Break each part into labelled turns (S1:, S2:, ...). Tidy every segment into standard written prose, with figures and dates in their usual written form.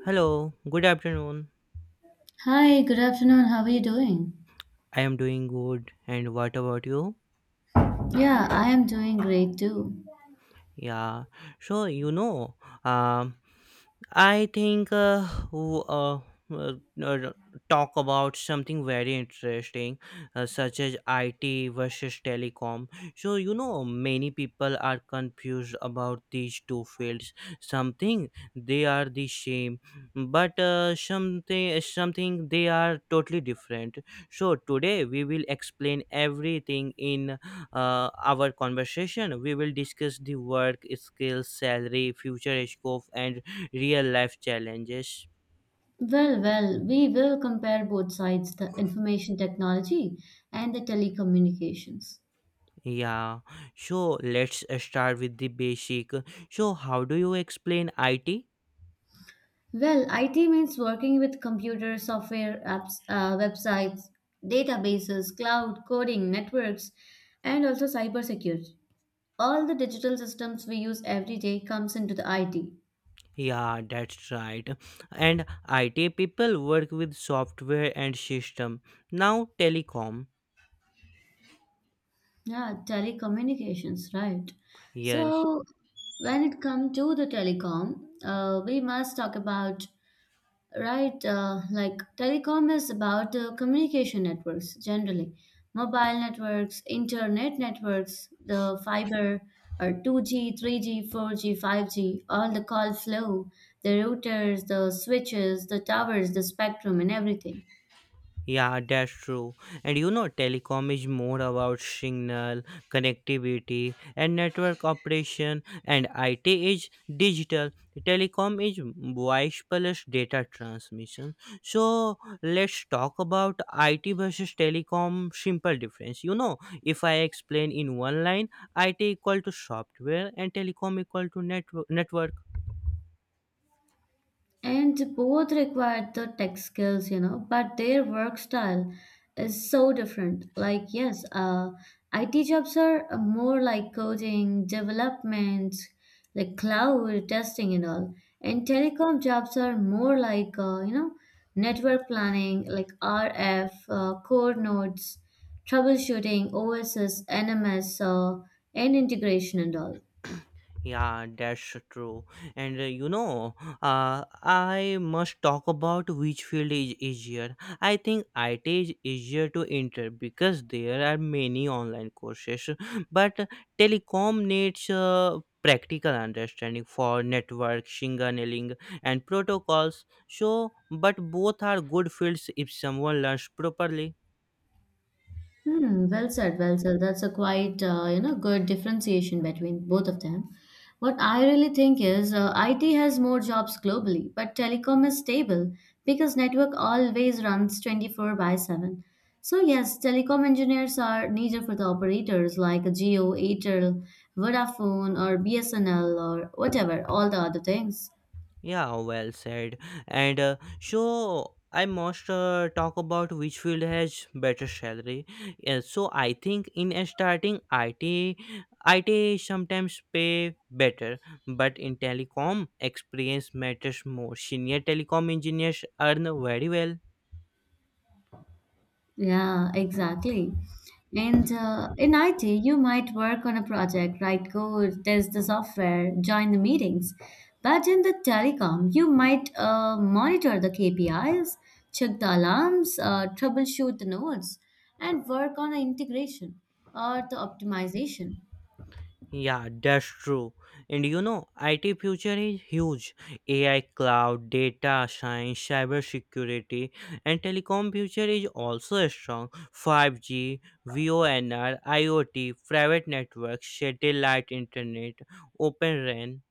S1: Hello, good afternoon.
S2: Hi, good afternoon. How are you doing?
S1: I am doing good. And what about you?
S2: Yeah, I am doing great too.
S1: Yeah, so you know, um, I think uh, uh, talk about something very interesting, such as IT versus telecom. So, many people are confused about these two fields. Something they are the same, but something they are totally different. So, today we will explain everything in our conversation. We will discuss the work, skills, salary, future scope, and real life challenges.
S2: Well, well, we will compare both sides, the information technology and the telecommunications.
S1: Yeah, so let's start with the basic. So, how do you explain IT?
S2: Well, IT means working with computer software, apps, websites, databases, cloud, coding, networks, and also cybersecurity. All the digital systems we use every day comes into the IT.
S1: Yeah, that's right. And IT people work with software and system. Now, telecom.
S2: Yeah, telecommunications, right.
S1: Yes.
S2: So when it comes to the telecom, we must talk about, right, like telecom is about the communication networks generally, mobile networks, internet networks, the fiber or 2G, 3G, 4G, 5G, all the call flow, the routers, the switches, the towers, the spectrum and everything.
S1: Yeah, that's true. And telecom is more about signal, connectivity, and network operation, and IT is digital. Telecom is voice plus data transmission. So, let's talk about IT versus telecom simple difference. If I explain in one line, IT equal to software and telecom equal to network.
S2: And both required the tech skills, you know, but their work style is so different. Like, yes, IT jobs are more like coding, development, like cloud testing and all. And telecom jobs are more like, you know, network planning, like RF, core nodes, troubleshooting, OSS, NMS, and integration and all.
S1: Yeah, that's true. And I must talk about which field is easier. I think IT is easier to enter because there are many online courses, but telecom needs practical understanding for network, signaling, and protocols. So, but both are good fields if someone learns properly.
S2: Hmm, well said, well said. That's a quite you know good differentiation between both of them. What I really think is IT has more jobs globally, but telecom is stable because network always runs 24 by 7. So yes, telecom engineers are needed for the operators like Geo, Airtel, Vodafone, or BSNL, or whatever, all the other things.
S1: Yeah, well said. And so I must talk about which field has better salary. Yeah, so I think in a starting IT sometimes pay better, but in telecom, experience matters more. Senior telecom engineers earn very well.
S2: Yeah, exactly. And in IT, you might work on a project, write code, test the software, join the meetings. But in the telecom, you might monitor the KPIs, check the alarms, troubleshoot the nodes, and work on the integration or the optimization.
S1: Yeah, that's true. And IT future is huge. AI, cloud, data science, cybersecurity, and telecom future is also strong. 5G, VONR, IoT, private networks, satellite internet, open RAN.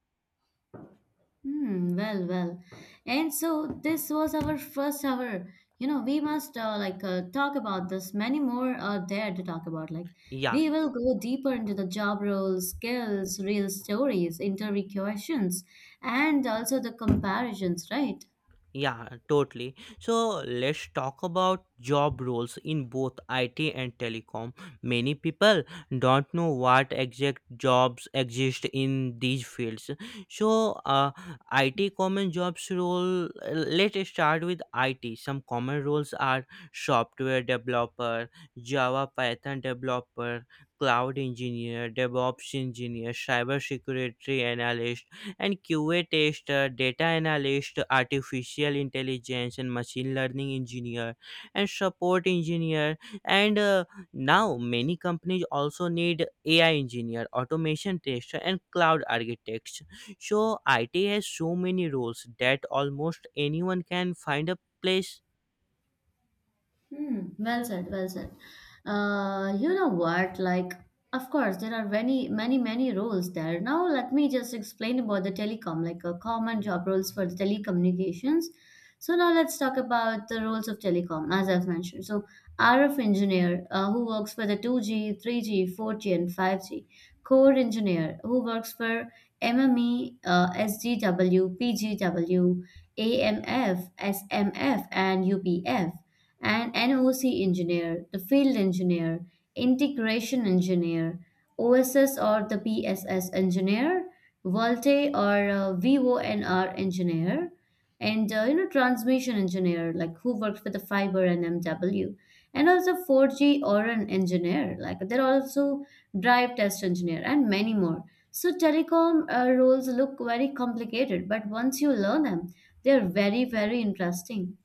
S2: Hmm, well, well. And so this was our first hour. You know, we must like talk about this. Many more are there to talk about. Like,
S1: Yeah,
S2: we will go deeper into the job roles, skills, real stories, interview questions, and also the comparisons, right?
S1: Yeah, totally. So let's talk about job roles in both IT and telecom. Many people don't know what exact jobs exist in these fields. So, IT common jobs role. Let's start with IT. Some common roles are software developer, Java Python developer, cloud engineer, DevOps engineer, cyber security analyst, and QA tester, data analyst, artificial intelligence, and machine learning engineer, and support engineer. And now many companies also need AI engineer, automation tester, and cloud architects. So IT has so many roles that almost anyone can find a place.
S2: Hmm, well said, well said. You know what? Like, of course, there are many, many, many roles there. Now, let me just explain about the telecom, like a common job roles for the telecommunications. So now let's talk about the roles of telecom, as I've mentioned. So RF engineer, who works for the 2G, 3G, 4G, and 5G. Core engineer, who works for MME, SGW, PGW, AMF, SMF, and UPF and NOC engineer, the field engineer, integration engineer, OSS or the PSS engineer, Volte or VONR engineer, and you know transmission engineer like who works with the fiber and MW, and also 4G or an engineer like there are also drive test engineer and many more. So telecom roles look very complicated, but once you learn them, they're very very interesting.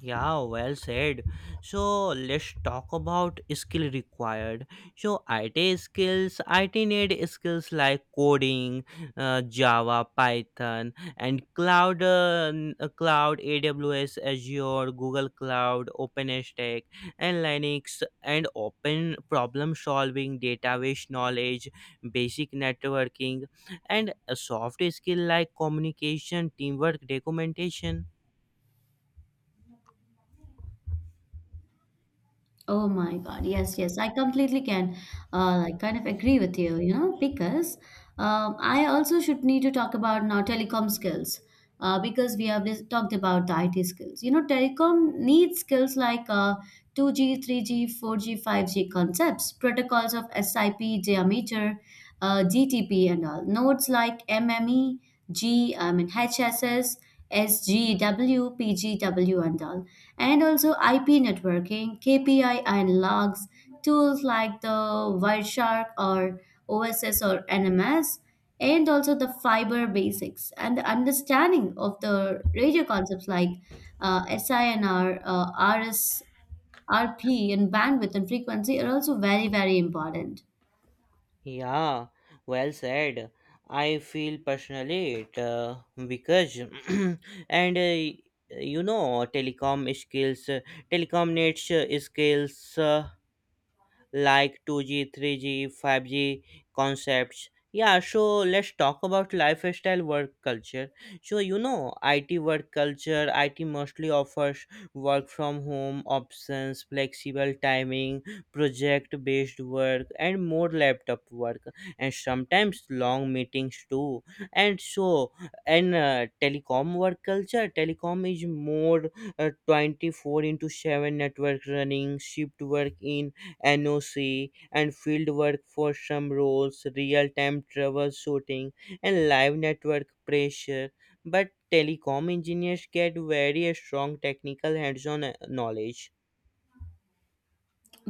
S1: Yeah, well said. So let's talk about skill required. So IT skills, IT need skills like coding, Java, Python, and cloud, AWS, Azure, Google Cloud, OpenStack, and Linux, and open problem solving, database knowledge, basic networking, and a soft skill like communication, teamwork, documentation.
S2: Oh my God. Yes, yes. I completely can like kind of agree with you, you know, because I also should need to talk about now telecom skills because we have talked about the IT skills. You know, telecom needs skills like 2G, 3G, 4G, 5G concepts, protocols of SIP, diameter, GTP and all. Nodes like M M E G I mean HSS SGW PGW and all and also IP networking, KPI and logs, tools like the Wireshark or OSS or NMS, and also the fiber basics and the understanding of the radio concepts like SINR, RS, RP, and bandwidth and frequency are also very, very important.
S1: Yeah, well said. I feel personally it because and telecom skills, telecom needs skills. Like 2G, 3G, 5G concepts. Yeah, so let's talk about lifestyle work culture. So, IT work culture, IT mostly offers work from home options, flexible timing, project based work, and more laptop work, and sometimes long meetings too. And so, and telecom work culture, telecom is more 24 into 7 network running, shift work in NOC, and field work for some roles, real time troubleshooting, and live network pressure. But telecom engineers get very strong technical hands on knowledge.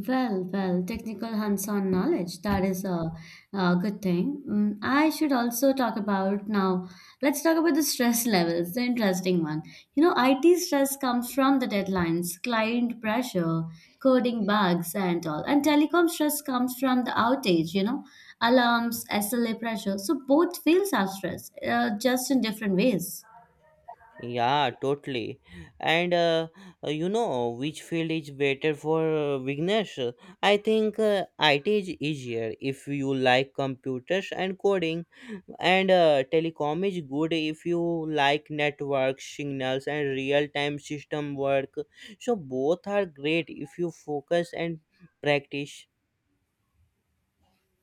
S2: Well, well, technical hands-on knowledge, that is a good thing. Mm, I should also talk about now, let's talk about the stress levels, the interesting one. You know, IT stress comes from the deadlines, client pressure, coding bugs and all. And telecom stress comes from the outage, you know, alarms, SLA pressure. So both fields have stress, just in different ways.
S1: Yeah, totally. And you know which field is better for beginners? I think IT is easier if you like computers and coding, and telecom is good if you like network signals and real-time system work. So both are great if you focus and practice.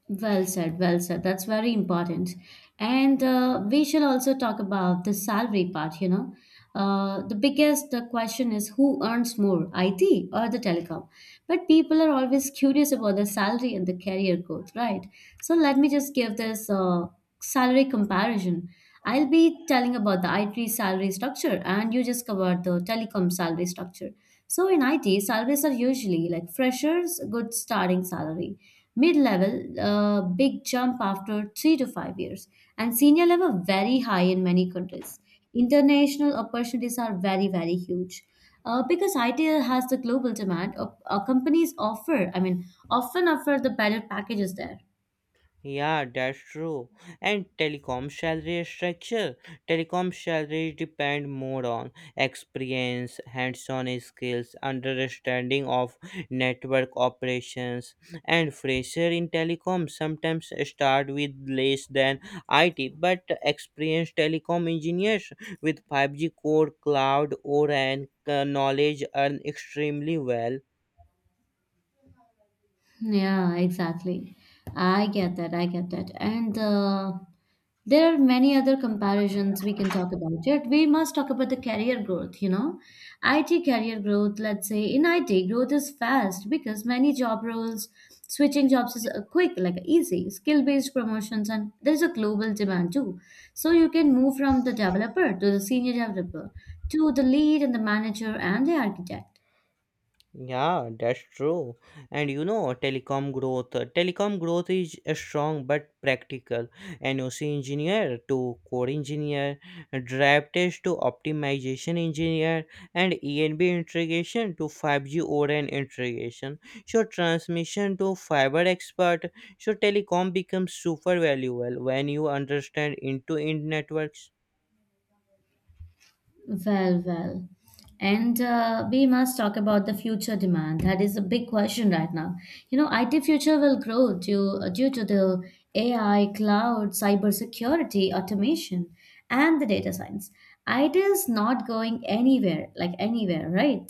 S2: Well said, well said. That's very important. And we shall also talk about the salary part, you know. The question is who earns more, IT or the telecom? But people are always curious about the salary and the career growth, right? So let me just give this salary comparison. I'll be telling about the IT salary structure, and you just covered the telecom salary structure. So in IT, salaries are usually like freshers, good starting salary mid level, a big jump after 3 to 5 years, and senior level, very high in many countries. International opportunities are very, very huge. Because IT has the global demand, companies offer, I mean, often offer the better packages there.
S1: Yeah, that's true. And telecom salary structure. Telecom salaries depend more on experience, hands-on skills, understanding of network operations, and fresher in telecom sometimes start with less than IT, but experienced telecom engineers with 5G core, cloud, or and knowledge earn extremely well.
S2: Yeah, exactly. I get that. I get that. And there are many other comparisons we can talk about. Yet we must talk about the career growth, you know. IT career growth, let's say in IT, growth is fast because many job roles, switching jobs is quick, like easy, skill-based promotions, and there's a global demand too. So you can move from the developer to the senior developer to the lead and the manager and the architect.
S1: Yeah, that's true. And telecom growth. Telecom growth is strong but practical. NOC engineer to core engineer, drive test to optimization engineer, and ENB integration to 5 GORN integration. So transmission to fiber expert. So telecom becomes super valuable when you understand into in networks.
S2: Well, well. And we must talk about the future demand. That is a big question right now. You know, IT future will grow due to the AI, cloud, cybersecurity, automation, and the data science. IT is not going anywhere, like anywhere, right?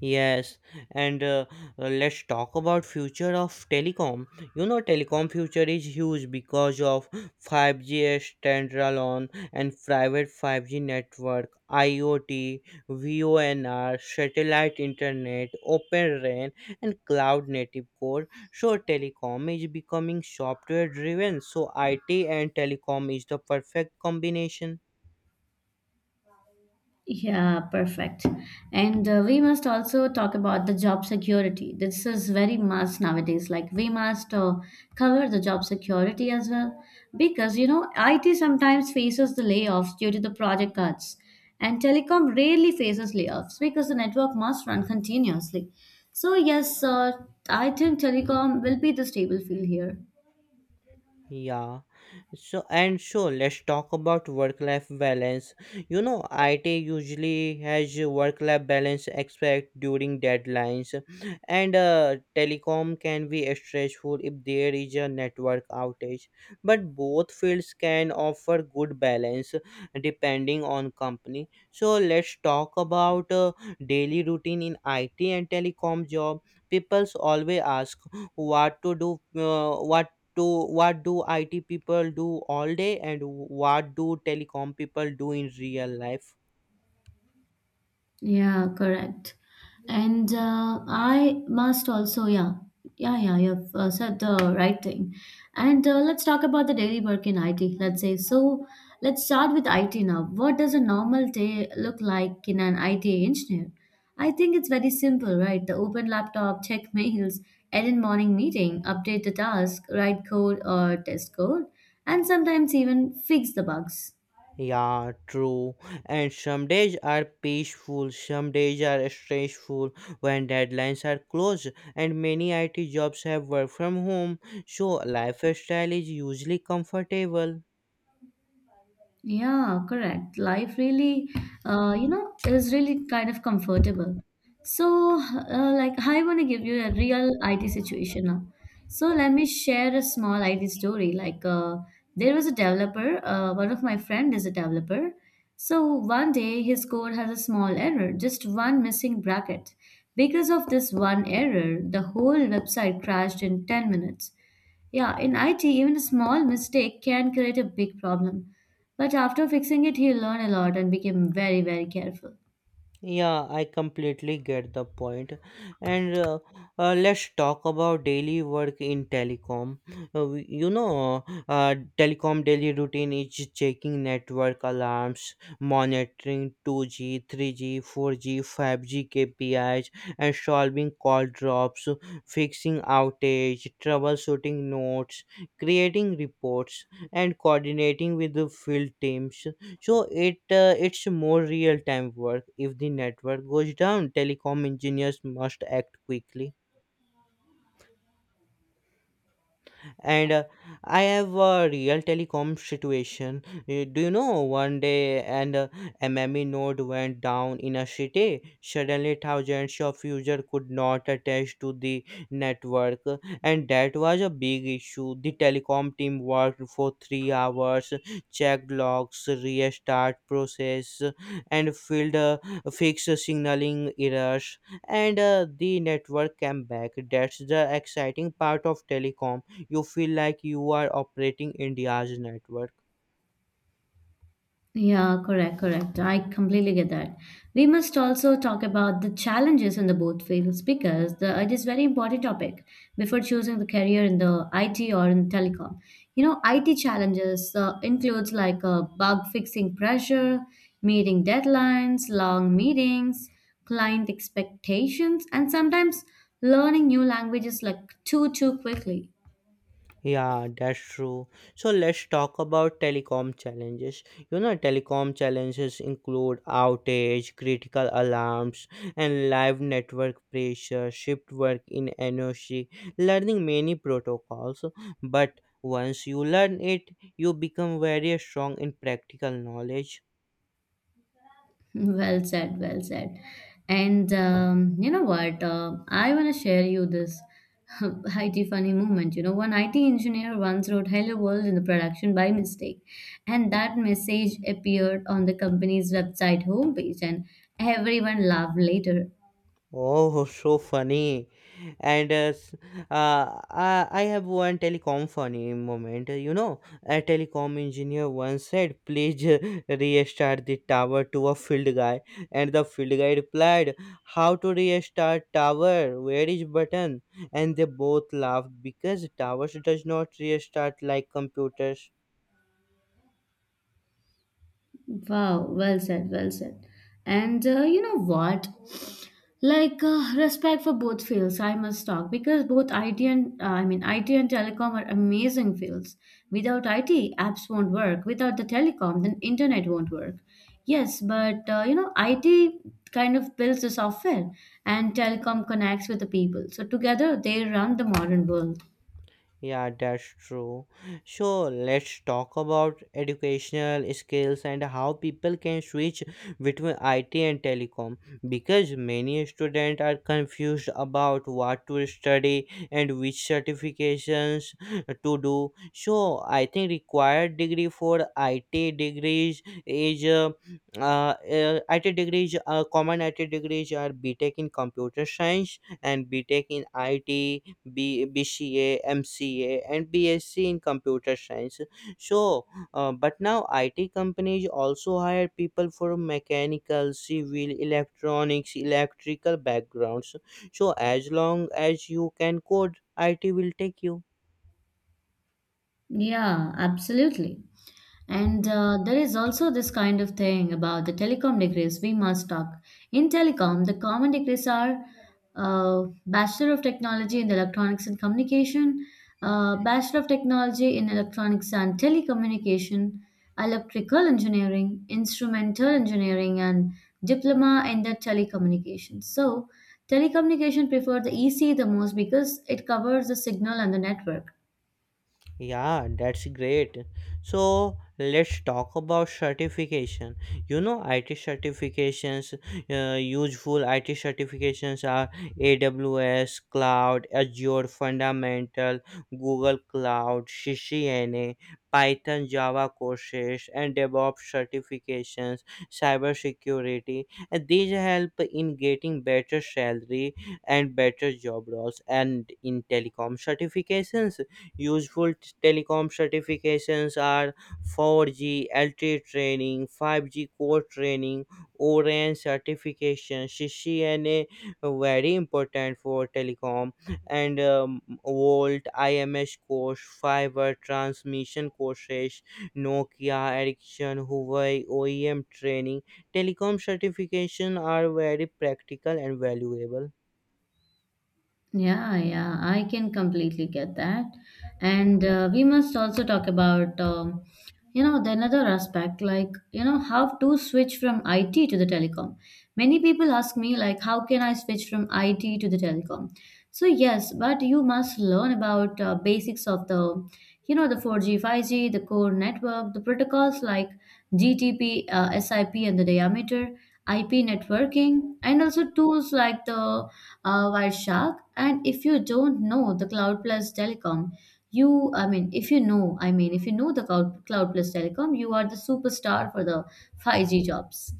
S1: Yes, and let's talk about future of telecom. Telecom future is huge because of 5G standalone and private 5G network, IoT, VONR, satellite internet, Open RAN, and cloud native core. So telecom is becoming software driven. So IT and telecom is the perfect combination.
S2: Yeah, perfect. And we must also talk about the job security. This is very must nowadays. Like we must cover the job security as well because you know IT sometimes faces the layoffs due to the project cuts, and telecom rarely faces layoffs because the network must run continuously. So yes, I think telecom will be the stable field here.
S1: Yeah. So let's talk about work life balance. IT usually has work life balance aspect during deadlines and telecom can be stressful if there is a network outage. But both fields can offer good balance depending on company. So let's talk about daily routine in IT and telecom job. People's always ask what to do what to what do IT people do all day and what do telecom people do in real life.
S2: Yeah, correct. And I must also, yeah, yeah, yeah, you've said the right thing. And let's talk about the daily work in IT, let's say. So let's start with IT now. What does a normal day look like in an IT engineer? I think it's very simple, right? The open laptop, check mails, attend morning meeting, update the task, write code or test code, and sometimes even fix the bugs.
S1: Yeah, true. And some days are peaceful, some days are stressful when deadlines are close, and many IT jobs have work from home, so lifestyle is usually comfortable.
S2: Yeah, correct. Life really, you know, is really kind of comfortable. So, like, I want to give you a real IT situation now. So, let me share a small IT story. Like, there was a developer, one of my friend is a developer. So, one day his code has a small error, just one missing bracket. Because of this one error, the whole website crashed in 10 minutes. Yeah, in IT, even a small mistake can create a big problem. But after fixing it, he learned a lot and became very, very careful.
S1: Yeah, I completely get the point. And let's talk about daily work in telecom. Telecom daily routine is checking network alarms, monitoring 2G, 3G, 4G, 5G KPIs, and solving call drops, fixing outage, troubleshooting notes, creating reports, and coordinating with the field teams. So it's more real time work. If the network goes down, telecom engineers must act quickly. And I have a real telecom situation. Do you know, one day an mme node went down in a city. Suddenly thousands of users could not attach to the network, and that was a big issue. The telecom team worked for 3 hours, checked logs, restart process, and filled fixed signaling errors, and the network came back. That's the exciting part of telecom. You feel like you are operating India's network.
S2: Yeah, correct, correct. I completely get that. We must also talk about the challenges in the both fields because it is very important topic before choosing the career in the IT or in telecom. You know, IT challenges includes like bug fixing pressure, meeting deadlines, long meetings, client expectations, and sometimes learning new languages like too quickly.
S1: Yeah, that's true. So let's talk about telecom challenges. Telecom challenges include outage, critical alarms, and live network pressure, shift work in energy, learning many protocols. But once you learn it, you become very strong in practical knowledge.
S2: Well said, well said. And you know what? I want to share you this IT funny moment. You know, one IT engineer once wrote "Hello World" in the production by mistake, and that message appeared on the company's website homepage, and everyone laughed later.
S1: Oh, so funny. And I have one telecom funny moment. A telecom engineer once said, "Please restart the tower," to a field guy. And the field guy replied, "How to restart tower? Where is button?" And they both laughed because towers does not restart like computers.
S2: Wow, well said, well said. And you know what? Like respect for both fields, I must talk because both IT and I mean IT and telecom are amazing fields. Without IT, apps won't work. Without the telecom, then internet won't work. Yes, but you know IT kind of builds the software, and telecom connects with the people. So together, they run the modern world.
S1: Yeah, that's true. So let's talk about educational skills and how people can switch between IT and telecom, because many students are confused about what to study and which certifications to do. So I think required degree for IT degrees is IT degrees common IT degrees are B Tech in computer science and B Tech in IT B, BCA, MCA, and BSc in computer science. So, but now IT companies also hire people from mechanical, civil, electronics, electrical backgrounds. So, as long as you can code, IT will take you.
S2: Yeah, absolutely. And there is also this kind of thing about the telecom degrees we must talk. In telecom, the common degrees are Bachelor of Technology in Electronics and Communication, Bachelor of Technology in Electronics and Telecommunication, Electrical Engineering, Instrumental Engineering, and Diploma in the Telecommunication. So, telecommunication prefer the EC the most because it covers the signal and the network.
S1: Yeah, that's great. So let's talk about certification. IT certifications, useful IT certifications are AWS, Cloud, Azure Fundamental, Google Cloud, CCNA, Python Java courses, and DevOps certifications, cybersecurity. And these help in getting better salary and better job roles. And in telecom certifications, useful telecom certifications are 4G LTE training, 5G core training, Orange certification. CCNA very important for telecom, and Volt IMS course, fiber transmission courses, Nokia, Ericsson, Huawei OEM training. Telecom certification are very practical and valuable.
S2: Yeah, yeah, I can completely get that. And we must also talk about you know the another aspect. Like, you know, how to switch from it to the telecom? Many people ask me, like, how can I switch from it to the telecom? So yes, but you must learn about basics of the, you know, the 4G, 5G, the core network, the protocols like gtp, sip, and the diameter, ip networking, and also tools like the wireshark. And if you don't know the cloud plus telecom, you, I mean, if you know, I mean, if you know the cloud, cloud plus telecom, you are the superstar for the 5G jobs.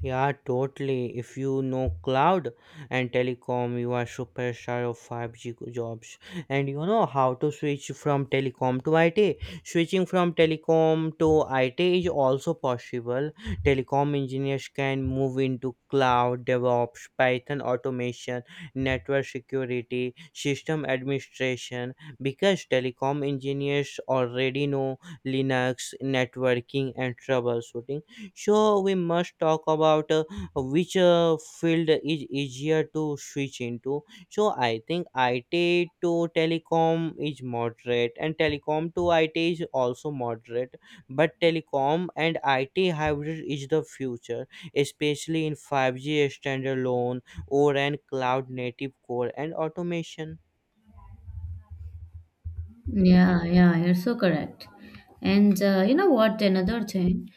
S1: Yeah, totally. If you know cloud and telecom, you are superstar of 5G jobs. And you know how to switch from telecom to IT. Switching from telecom to IT is also possible. Telecom engineers can move into cloud, DevOps, Python automation, network security, system administration, because telecom engineers already know Linux, networking, and troubleshooting. So we must talk about which field is easier to switch into. So I think IT to telecom is moderate and telecom to IT is also moderate, but telecom and IT hybrid is the future, especially in 5G standalone or and cloud native core and automation.
S2: Yeah, yeah, you're so correct. And you know what? Another thing,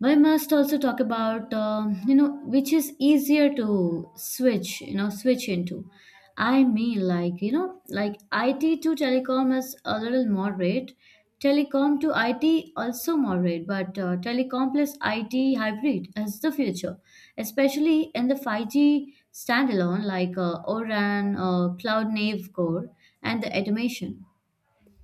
S2: we must also talk about you know, which is easier to switch, you know, switch into. I mean, like, you know, like, it to telecom is a little moderate. Telecom to it also moderate, but telecom plus it hybrid is the future, especially in the 5G standalone, like oran, cloud native core, and the automation.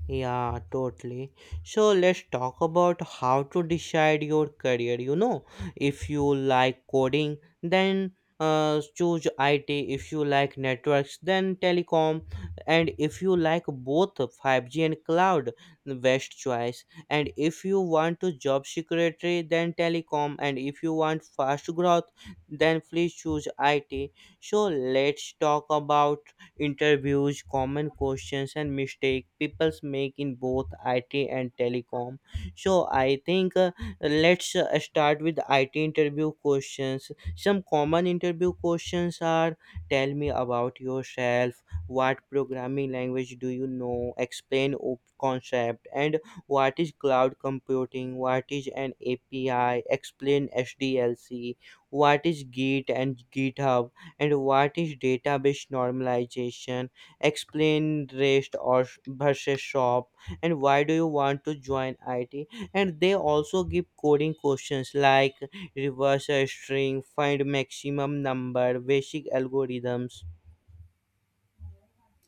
S1: Yeah, totally. So let's talk about how to decide your career. If you like coding, then choose IT. If you like networks, then telecom. And if you like both 5G and cloud, the best choice. And if you want to job security, then telecom. And if you want fast growth, then please choose IT. So let's talk about interviews, common questions, and mistakes people make in both IT and telecom. So I think let's start with IT interview questions. Some common interview questions are: Tell me about yourself. What programming language do you know? Explain concept. And what is cloud computing? What is an API? Explain SDLC. What is Git and GitHub? And what is database normalization? Explain rest or versus shop. And why do you want to join it? And they also give coding questions like reverse string, find maximum number, basic algorithms.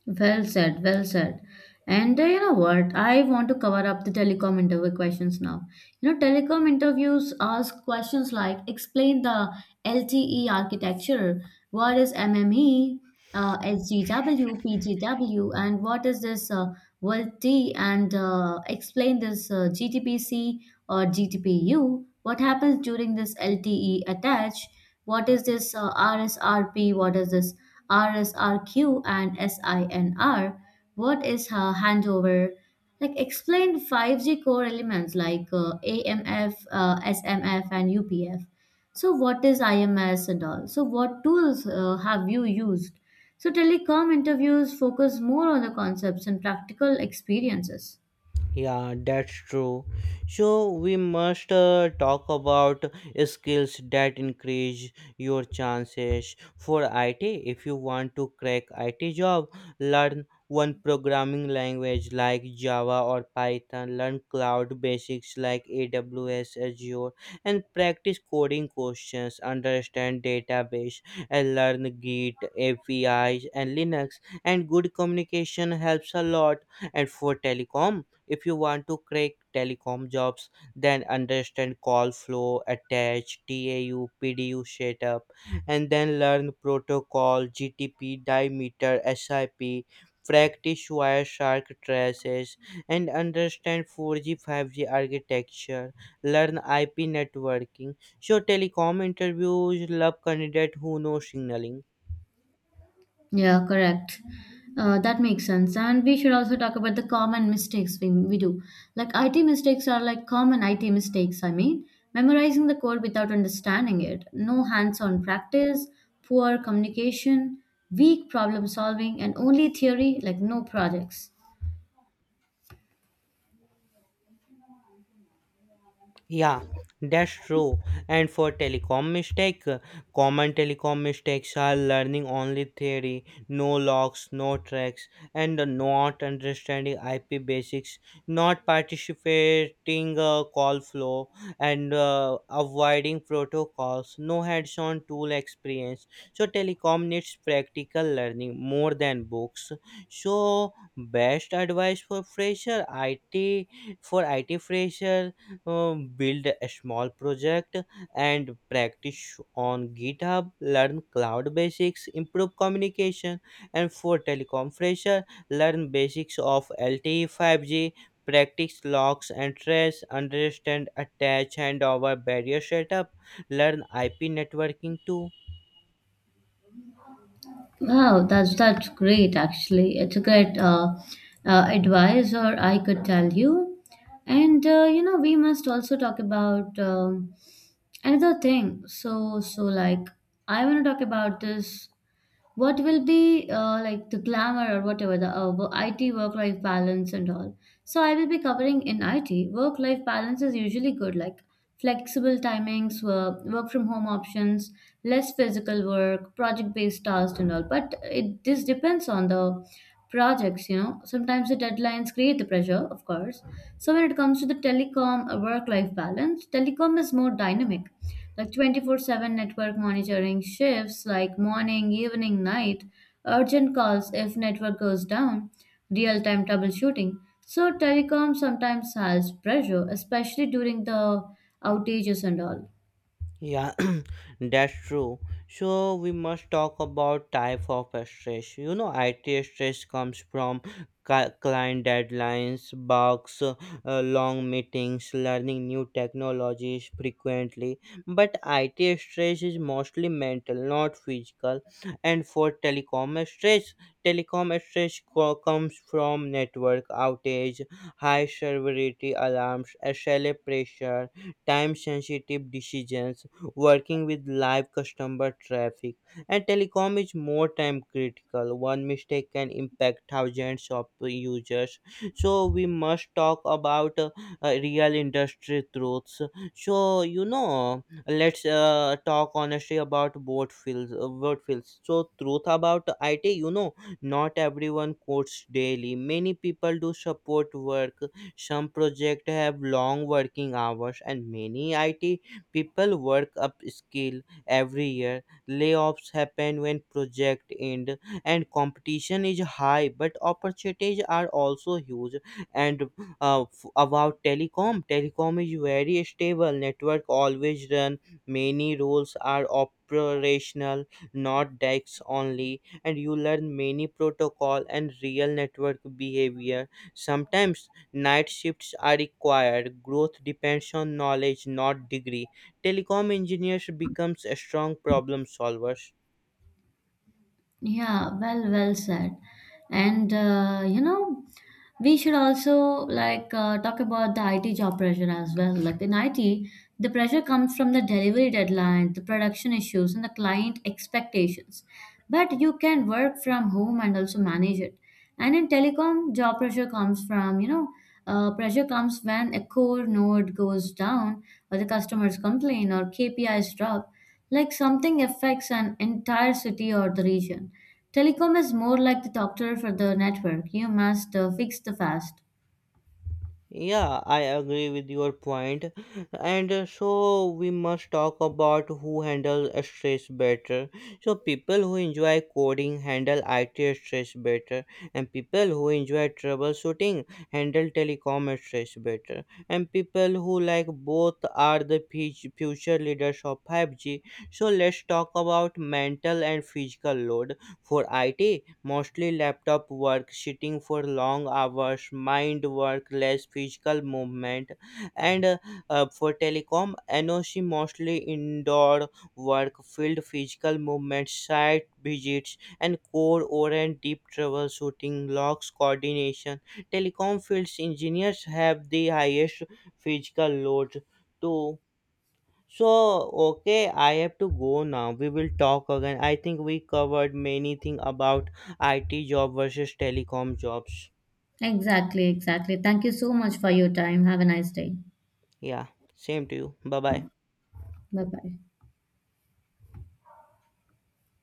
S2: Well said, well said. And you know what? I want to cover up the telecom interview questions now. You know, telecom interviews ask questions like, explain the LTE architecture, what is MME, SGW, PGW, and what is this VoLTE, and explain this GTPC or GTPU, what happens during this LTE attach, what is this RSRP, what is this RSRQ and SINR. What is handover? Like, explain 5G core elements like AMF, SMF, and UPF. So what is IMS and all? So what tools have you used? So telecom interviews focus more on the concepts and practical experiences.
S1: Yeah, that's true. So we must talk about skills that increase your chances for IT. If you want to crack IT job, learn one programming language like Java or Python, learn cloud basics like AWS, Azure, and practice coding questions, understand database, and learn Git, APIs, and Linux. And good communication helps a lot. And for telecom, if you want to crack telecom jobs, then understand call flow, attach, TAU, PDU setup, and then learn protocol, GTP, dimeter, SIP, practice Wireshark traces, and understand 4G, 5G architecture, learn IP networking. So telecom interviews love candidate who know signaling.
S2: Yeah, correct. That makes sense. And we should also talk about the common mistakes we do. Like IT mistakes are like common IT mistakes, I mean, memorizing the code without understanding it, no hands on practice, poor communication, weak problem solving, and only theory, like no projects.
S1: Yeah, that's true. And for telecom mistake, common telecom mistakes are learning only theory, no logs, no tracks, and not understanding IP basics, not participating call flow, and avoiding protocols, no hands-on tool experience. So telecom needs practical learning more than books. So best advice for fresher IT, for IT fresher, build a small project and practice on github, learn cloud basics, improve communication. And for telecom fresher, learn basics of LTE 5G, practice locks and trace, understand attach, handover, barrier setup, learn IP networking too.
S2: Wow, that's great actually. It's a great advice, or I could tell you. And you know, we must also talk about another thing. So like, I want to talk about this. What will be like the glamour or whatever the IT work-life balance and all? So I will be covering in IT. Work-life balance is usually good, like flexible timings, work from home options, less physical work, project-based tasks and all. But it this depends on the projects, you know. Sometimes the deadlines create the pressure, of course. So when it comes to the telecom work-life balance, telecom is more dynamic like 24/7 network monitoring shifts like morning, evening, night, urgent calls if network goes down, real-time troubleshooting. So telecom sometimes has pressure, especially during the outages and all.
S1: Yeah, that's true. So we must talk about type of stress. You know, IT stress comes from client deadlines, bugs, long meetings, learning new technologies frequently. But IT stress is mostly mental, not physical. And for telecom stress comes from network outage, high severity alarms, SLA pressure, time sensitive decisions, working with live customer traffic. And telecom is more time critical. One mistake can impact thousands of users. So we must talk about real industry truths. So you know, let's talk honestly about both fields, so truth about it, you know, not everyone codes daily, many people do support work, some projects have long working hours, and many IT people work up skill every year. Layoffs happen when project end and competition is high, but opportunities are also huge. And about telecom, telecom is very stable. Network always run. Many roles are operational, not DAX only, and you learn many protocol and real network behavior. Sometimes night shifts are required. Growth depends on knowledge, not degree. Telecom engineers becomes a strong problem solvers.
S2: Yeah, well, well said. And you know, we should also like talk about the IT job pressure as well. Like in IT, the pressure comes from the delivery deadline, the production issues, and the client expectations. But you can work from home and also manage it. And in telecom, job pressure comes from you know, pressure comes when a core node goes down, or the customers complain, or KPIs drop like something affects an entire city or the region. Telecom is more like the doctor for the network. You must fix the fast.
S1: Yeah, I agree with your point. And so we must talk about who handle stress better. So people who enjoy coding handle IT stress better, and people who enjoy troubleshooting handle telecom stress better. And people who like both are the future leaders of 5G. So let's talk about mental and physical load. For IT, mostly laptop work, sitting for long hours, mind work, less physical movement. And for telecom, NOC mostly indoor work, field physical movement, site visits, and core or and deep troubleshooting, logs coordination. Telecom fields engineers have the highest physical load too. So, okay, I have to go now. We will talk again. I think we covered many things about IT job versus telecom jobs.
S2: Exactly, exactly. Thank you so much for your time. Have a nice day.
S1: Yeah, same to you. Bye bye.
S2: Bye bye.